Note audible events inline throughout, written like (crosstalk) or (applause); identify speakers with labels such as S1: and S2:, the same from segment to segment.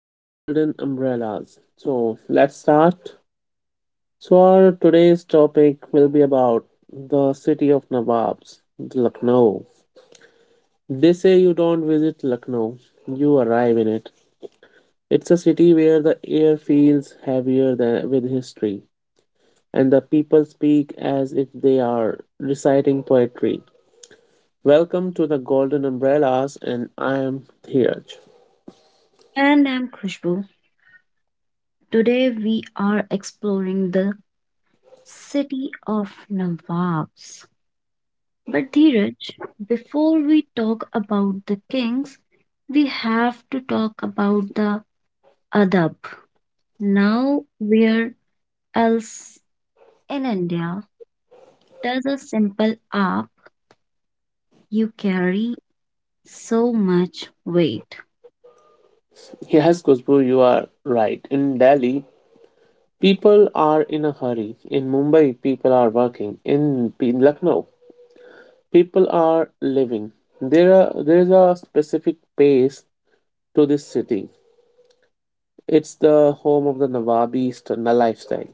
S1: The Golden Umbrellas. So, let's start. So, our today's topic will be about the city of Nawabs, Lucknow. They say you don't visit Lucknow, you arrive in it. It's a city where the air feels heavier than with history, and the people speak as if they are reciting poetry. Welcome to the Golden Umbrellas, and I am Dheeraj.
S2: And I'm Khushbu. Today we are exploring the city of Nawabs. But Dheeraj, before we talk about the kings, we have to talk about the adab. Now, where else in India does a simple app you carry so much weight?
S1: Yes, Khushbu, you are right. In Delhi, people are in a hurry. In Mumbai, people are working. In Lucknow, people are living. There is a specific pace to this city. It's the home of the lifestyle,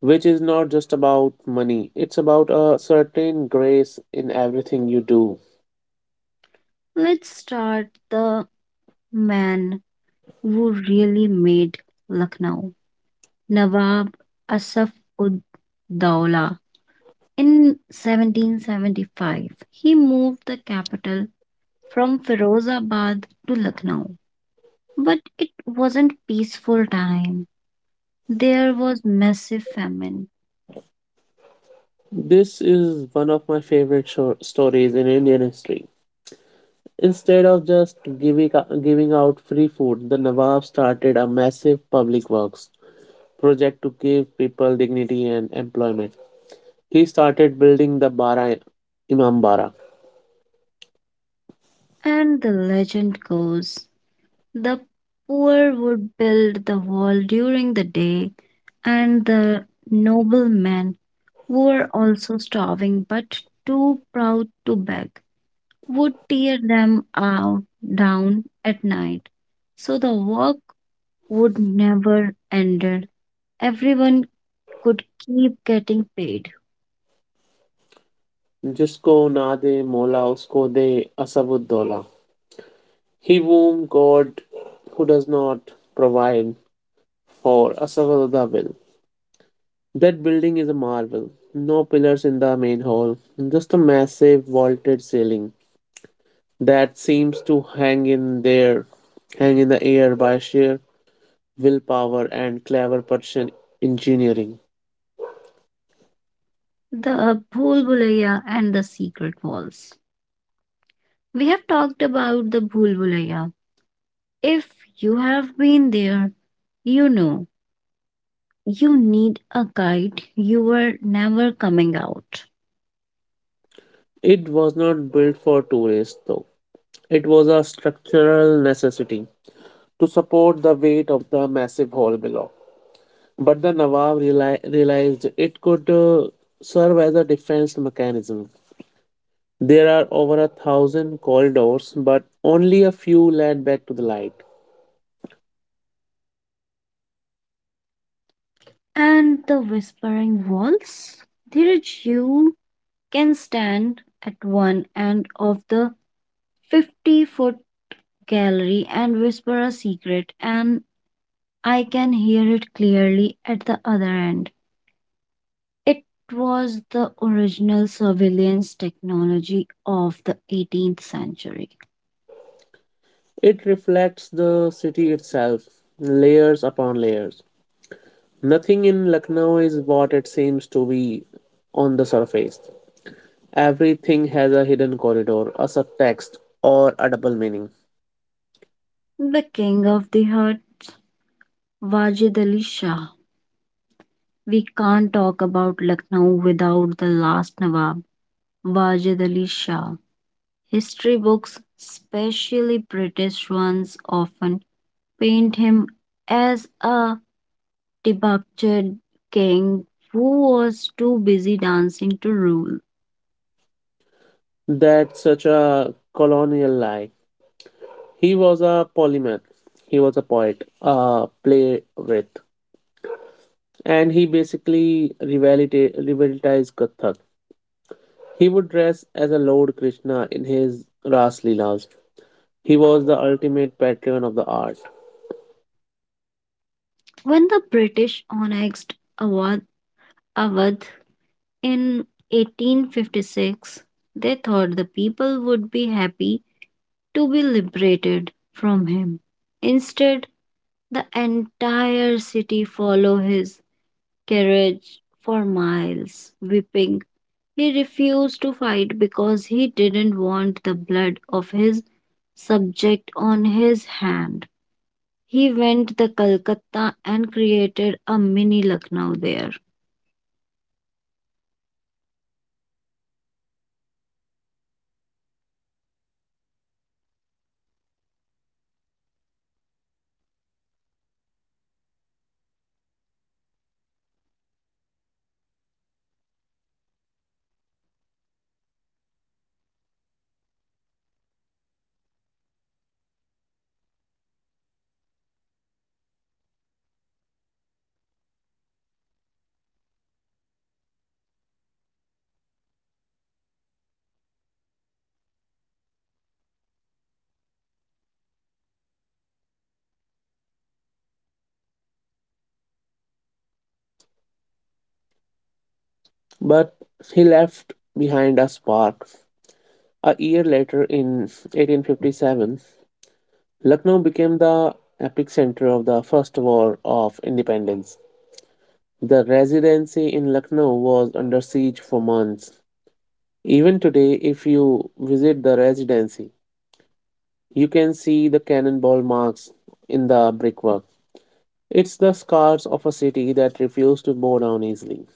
S1: which is not just about money. It's about a certain grace in everything you do.
S2: Let's start the man who really made Lucknow. Nawab Asaf ud Dowla. In 1775, he moved the capital from Firozabad to Lucknow. But it wasn't peaceful time. There was massive famine.
S1: This is one of my favorite shor stories in Indian history. Instead of giving out free food, the Nawab started a massive public works project to give people dignity and employment. He started building the Bara Imam Bara,
S2: And the legend goes the poor would build the wall during the day, and the noblemen were also starving but too proud to beg. Would tear them out down at night. So the work would never ended. Everyone could keep getting paid.
S1: Jisko na de Mola usko de Asabuddollah. He whom God who does not provide for Asabuddollah will. That building is a marvel. No pillars in the main hall, just a massive vaulted ceiling that seems to hang in there, hang in the air by sheer willpower and clever Persian engineering.
S2: The Bhulbulaya and the secret walls. We have talked about the Bhulbulaya. If you have been there, you know you need a guide. You were never coming out.
S1: It was not built for tourists, though. It was a structural necessity to support the weight of the massive hall below. But the Nawab realized it could serve as a defense mechanism. There are over a thousand corridors, but only a few led back to the light.
S2: And the whispering walls. There you can stand at one end of the 50-foot foot gallery and whisper a secret, and I can hear it clearly at the other end. It was the original surveillance technology of the 18th century.
S1: It reflects the city itself, layers upon layers. Nothing in Lucknow is what it seems to be on the surface. Everything has a hidden corridor, a subtext, or a double meaning.
S2: The king of the huts, Wajid Ali Shah. We can't talk about Lucknow without the last Nawab, Wajid Ali Shah. History books, especially British ones, often paint him as a debuted king who was too busy dancing to rule.
S1: That's such a colonial lie. He was a polymath, he was a poet, a playwright, and he basically revitalized Kathak. He would dress as a Lord Krishna in his Ras Leelas. He was the ultimate patron of the art.
S2: When the British annexed Awadh, Awadh in 1856, they thought the people would be happy to be liberated from him. Instead, the entire city followed his carriage for miles, weeping. He refused to fight because he didn't want the blood of his subject on his hand. He went to Calcutta and created a mini Lucknow there.
S1: But he left behind a spark. A year later, in 1857, Lucknow became the epicenter of the First War of Independence. The residency in Lucknow was under siege for months. Even today, if you visit the residency, you can see the cannonball marks in the brickwork. It's the scars of a city that refused to bow down easily.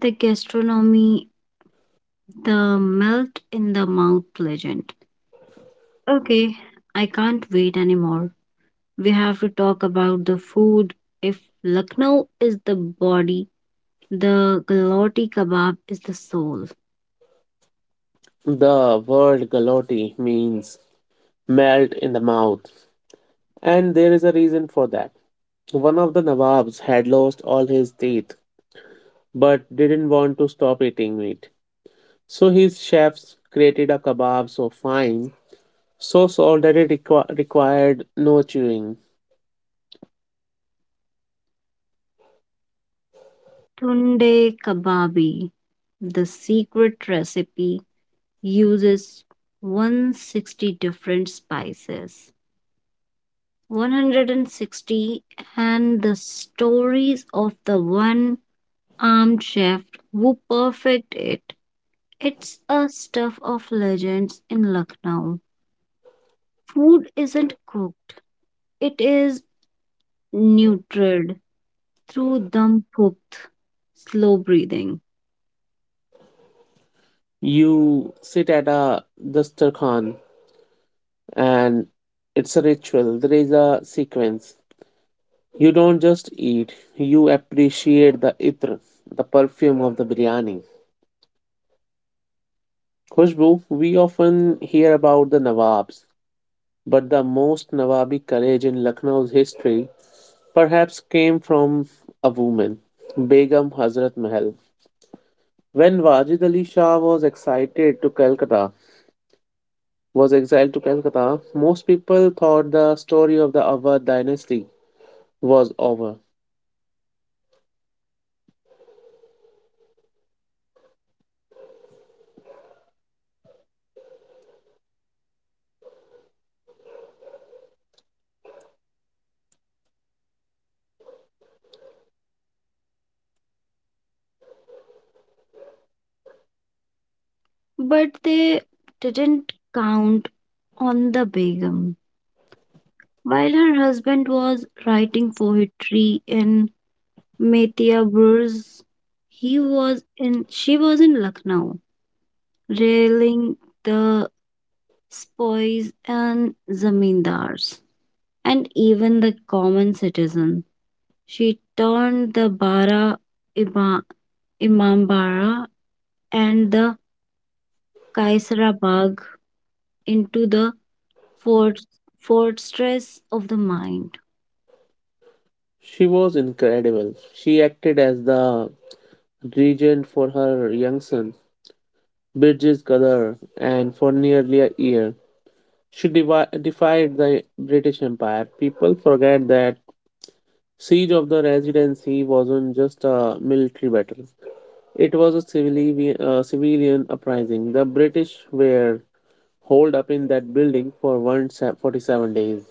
S2: The gastronomy, the melt in the mouth legend. Okay, I can't wait anymore. We have to talk about the food. If Lucknow is the body, the Galati kebab is the soul.
S1: The word galotti means melt in the mouth, and there is a reason for that. One of the Nawabs had lost all his teeth but didn't want to stop eating meat. So his chefs created a kebab so fine, so salt that it required no chewing.
S2: Tunde Kababi, the secret recipe, uses 160 different spices. 160 and the stories of the one armed chef who perfect it. It's a stuff of legends in Lucknow. Food isn't cooked, it is nurtured through dum cooked, slow breathing.
S1: You sit at a dastarkhan and it's a ritual, there is a sequence. You don't just eat, you appreciate the itr, the perfume of the biryani. Khushbu, we often hear about the Nawabs, but the most Nawabi courage in Lucknow's history perhaps came from a woman, Begum Hazrat Mahal. When Wajid Ali Shah was excited to Calcutta, was exiled to Calcutta, most people thought the story of the Awadh dynasty was over.
S2: But they didn't count on the Begum. While her husband was writing poetry in Metia Burj, he was in she was in Lucknow, railing the spoils and zamindars, and even the common citizen. She turned the Ima, Imambara and the Kaisera Bagh into the fort- fortress of the mind.
S1: She was incredible. She acted as the regent for her young son, Birjiz Qadar, and for nearly a year. She defied the British Empire. People forget that siege of the Residency wasn't just a military battle; it was a civilian uprising. The British were holed up in that building for 47 days.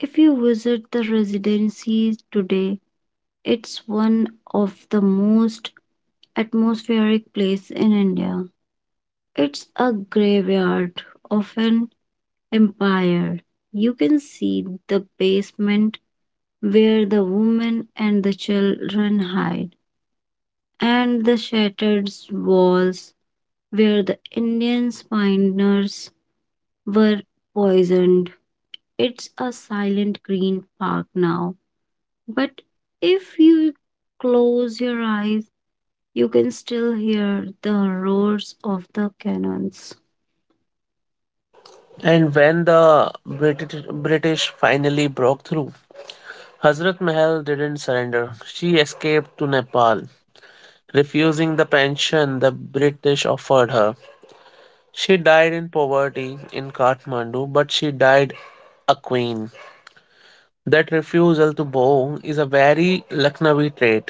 S2: If you visit the residency today, it's one of the most atmospheric place in India. It's a graveyard of an empire. You can see the basement where the women and the children hide, and the shattered walls where the Indian miners were poisoned. It's a silent green park now, but if you close your eyes, you can still hear the roars of the cannons.
S1: And when the British finally broke through, Hazrat Mahal didn't surrender. She escaped to Nepal, refusing the pension the British offered her. She died in poverty in Kathmandu, but she died a queen. That refusal to bow is a very Lucknowi trait.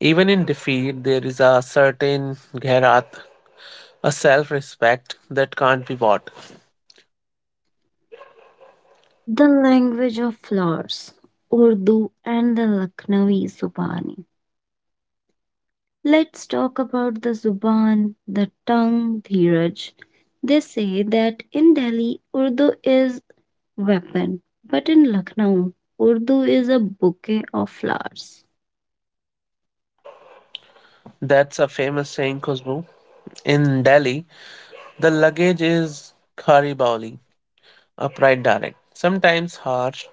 S1: Even in defeat, there is a certain gherat, a self respect that can't be bought.
S2: The language of flowers, Urdu and the Lucknowi Zubani. Let's talk about the Zuban, the tongue, Dheeraj. They say that in Delhi, Urdu is weapon, but in Lucknow, Urdu is a bouquet of flowers.
S1: That's a famous saying, Khusbu. In Delhi, the luggage is khari bauli, upright direct, sometimes harsh,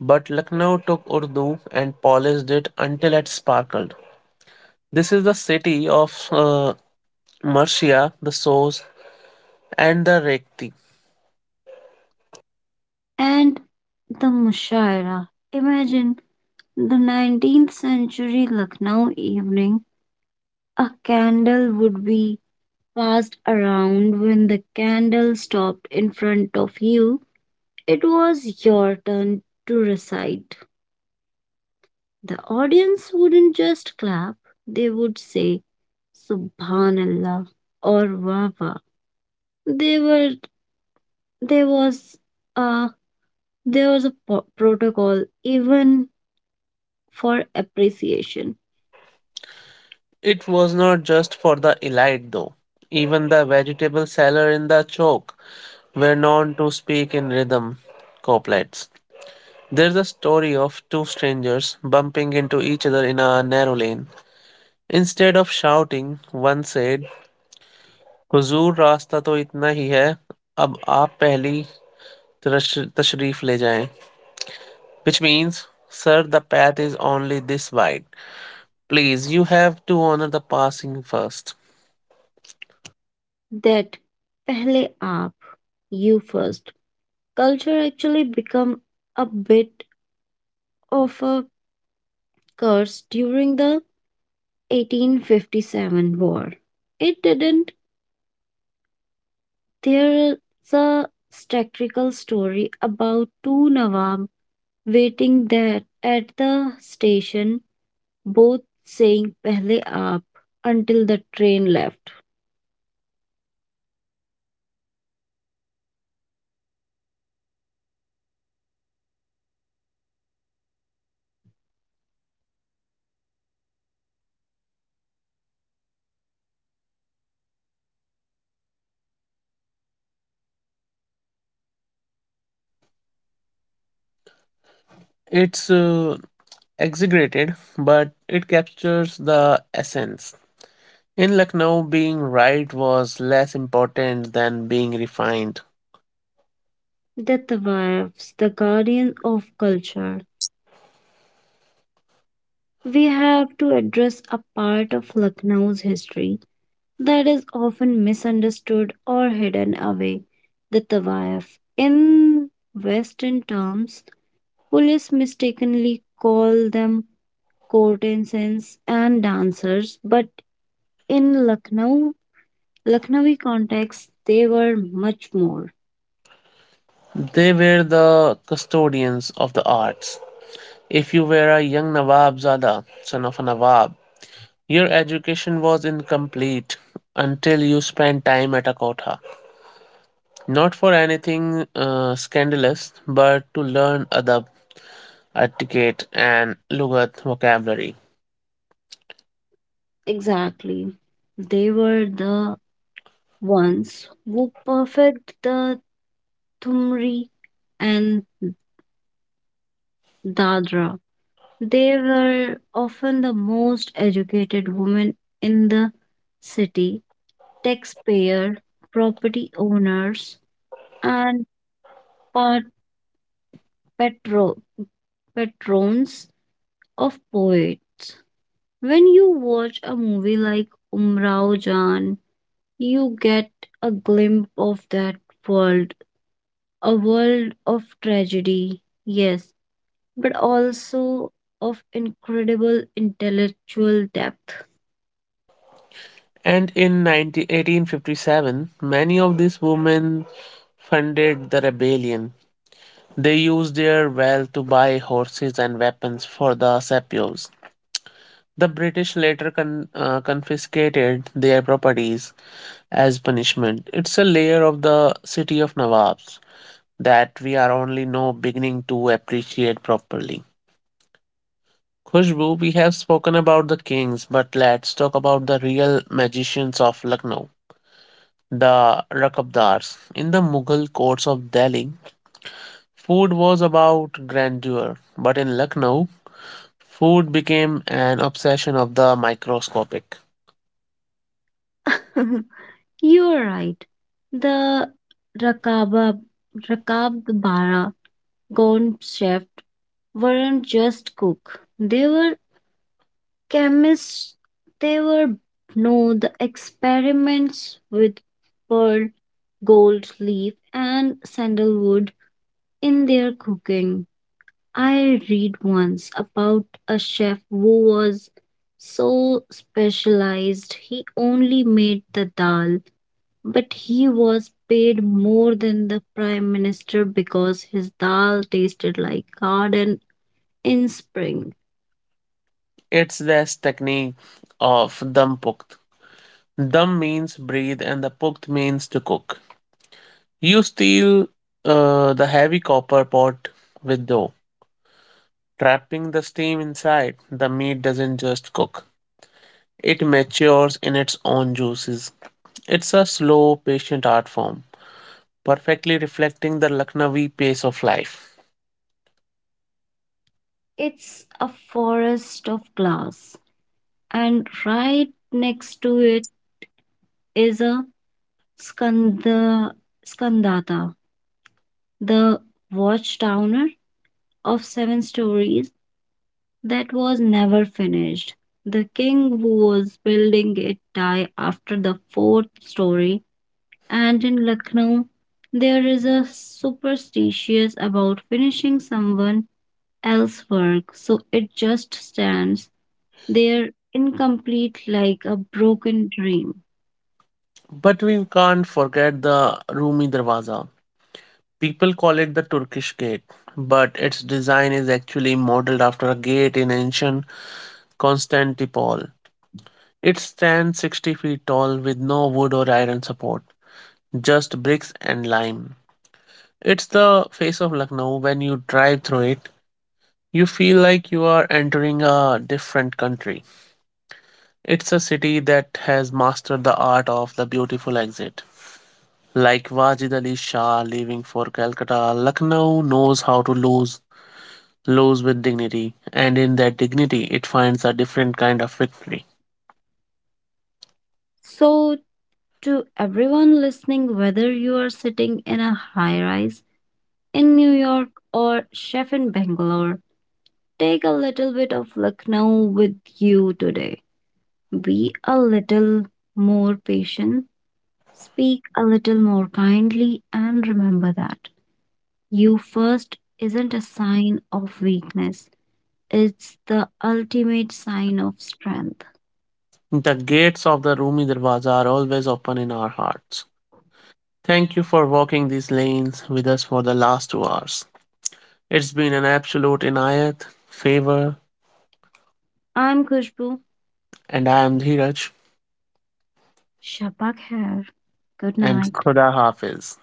S1: but Lucknow took Urdu and polished it until it sparkled. This is the city of Mercia, the Source, and the Rekti.
S2: And the Mushaira. Imagine the 19th century Lucknow evening. A candle would be passed around when the candle stopped in front of you. It was your turn to recite. The audience wouldn't just clap, they would say, Subhanallah or Wawa. They were, there was a, there was a protocol even for appreciation.
S1: It was not just for the elite, though. Even the vegetable seller in the choke were known to speak in rhythm couplets. There's a story of two strangers bumping into each other in a narrow lane. Instead of shouting, one said, हुजूर रास्ता तो इतना ही है अब आप पहली तशरीफ ले जाएं, which means, sir, the path is only this wide. Please, you have to honor the passing first.
S2: That pehle aap, you first culture actually become a bit of a curse during the 1857 war. It didn't. There is a satirical story about two Nawab waiting there at the station, both saying pehle aap until the train left.
S1: It's exaggerated, but it captures the essence. In Lucknow, being right was less important than being refined.
S2: The Tawabs, the guardian of culture, we have to address a part of Lucknow's history that is often misunderstood or hidden away the Tawaf. In Western terms, police mistakenly call them courtesans and dancers, but in Lucknow, Lucknowi context, they were much more.
S1: They were the custodians of the arts. If you were a young Nawabzada, son of a Nawab, your education was incomplete until you spent time at a kotha. Not for anything scandalous, but to learn adab, etiquette, and Lughat vocabulary.
S2: Exactly. They were the ones who perfect the Thumri and Dadra. They were often the most educated women in the city, taxpayer, property owners, and part patro- patrons of poets. When you watch a movie like Umrao Jan, you get a glimpse of that world, a world of tragedy, yes, but also of incredible intellectual depth.
S1: And in 1857, many of these women funded the rebellion. They used their wealth to buy horses and weapons for the Sepios. The British later confiscated their properties as punishment. It's a layer of the city of Nawabs that we are only now beginning to appreciate properly. Khushbu, we have spoken about the kings, but let's talk about the real magicians of Lucknow, the Rakabdars. In the Mughal courts of Delhi, food was about grandeur, but in Lucknow, food became an obsession of the microscopic.
S2: (laughs) You are right. The Rakaba, Rakabara Gone Chef weren't just cook. They were chemists. They were no the experiments with pearl, gold leaf, and sandalwood in their cooking. I read once about a chef who was so specialized he only made the dal but he was paid more than the prime minister because his dal tasted like garden in spring.
S1: It's this technique of dum pukt. Dum means breathe, and the pukt means to cook. You steal the heavy copper pot with dough trapping the steam inside. The meat doesn't just cook, it matures in its own juices. It's a slow, patient art form, perfectly reflecting the Lucknowi pace of life.
S2: It's a forest of glass, and right next to it is a skanda, skandata, the watchtower of 7 stories that was never finished. The king who was building it died after the fourth story and in Lucknow, there is a superstitious about finishing someone else's work, so it just stands there incomplete like a broken dream.
S1: But we can't forget the Rumi Darwaza. People call it the Turkish gate, but its design is actually modeled after a gate in ancient Constantinople. It stands 60 feet tall with no wood or iron support, just bricks and lime. It's the face of Lucknow. When you drive through it, you feel like you are entering a different country. It's a city that has mastered the art of the beautiful exit. Like Wajid Ali Shah leaving for Calcutta, Lucknow knows how to lose with dignity, and in that dignity, it finds a different kind of victory.
S2: So, to everyone listening, whether you are sitting in a high rise in New York or chef in Bangalore, take a little bit of Lucknow with you today. Be a little more patient. Speak a little more kindly and remember that you first isn't a sign of weakness, it's the ultimate sign of strength.
S1: The gates of the Rumi Darwaza are always open in our hearts. Thank you for walking these lanes with us for the last 2 hours. It's been an absolute inayat, favor,
S2: I'm Kushbu.
S1: and I am Dheeraj,
S2: Shapak Hair. Good
S1: and
S2: night.
S1: Khuda Hafiz.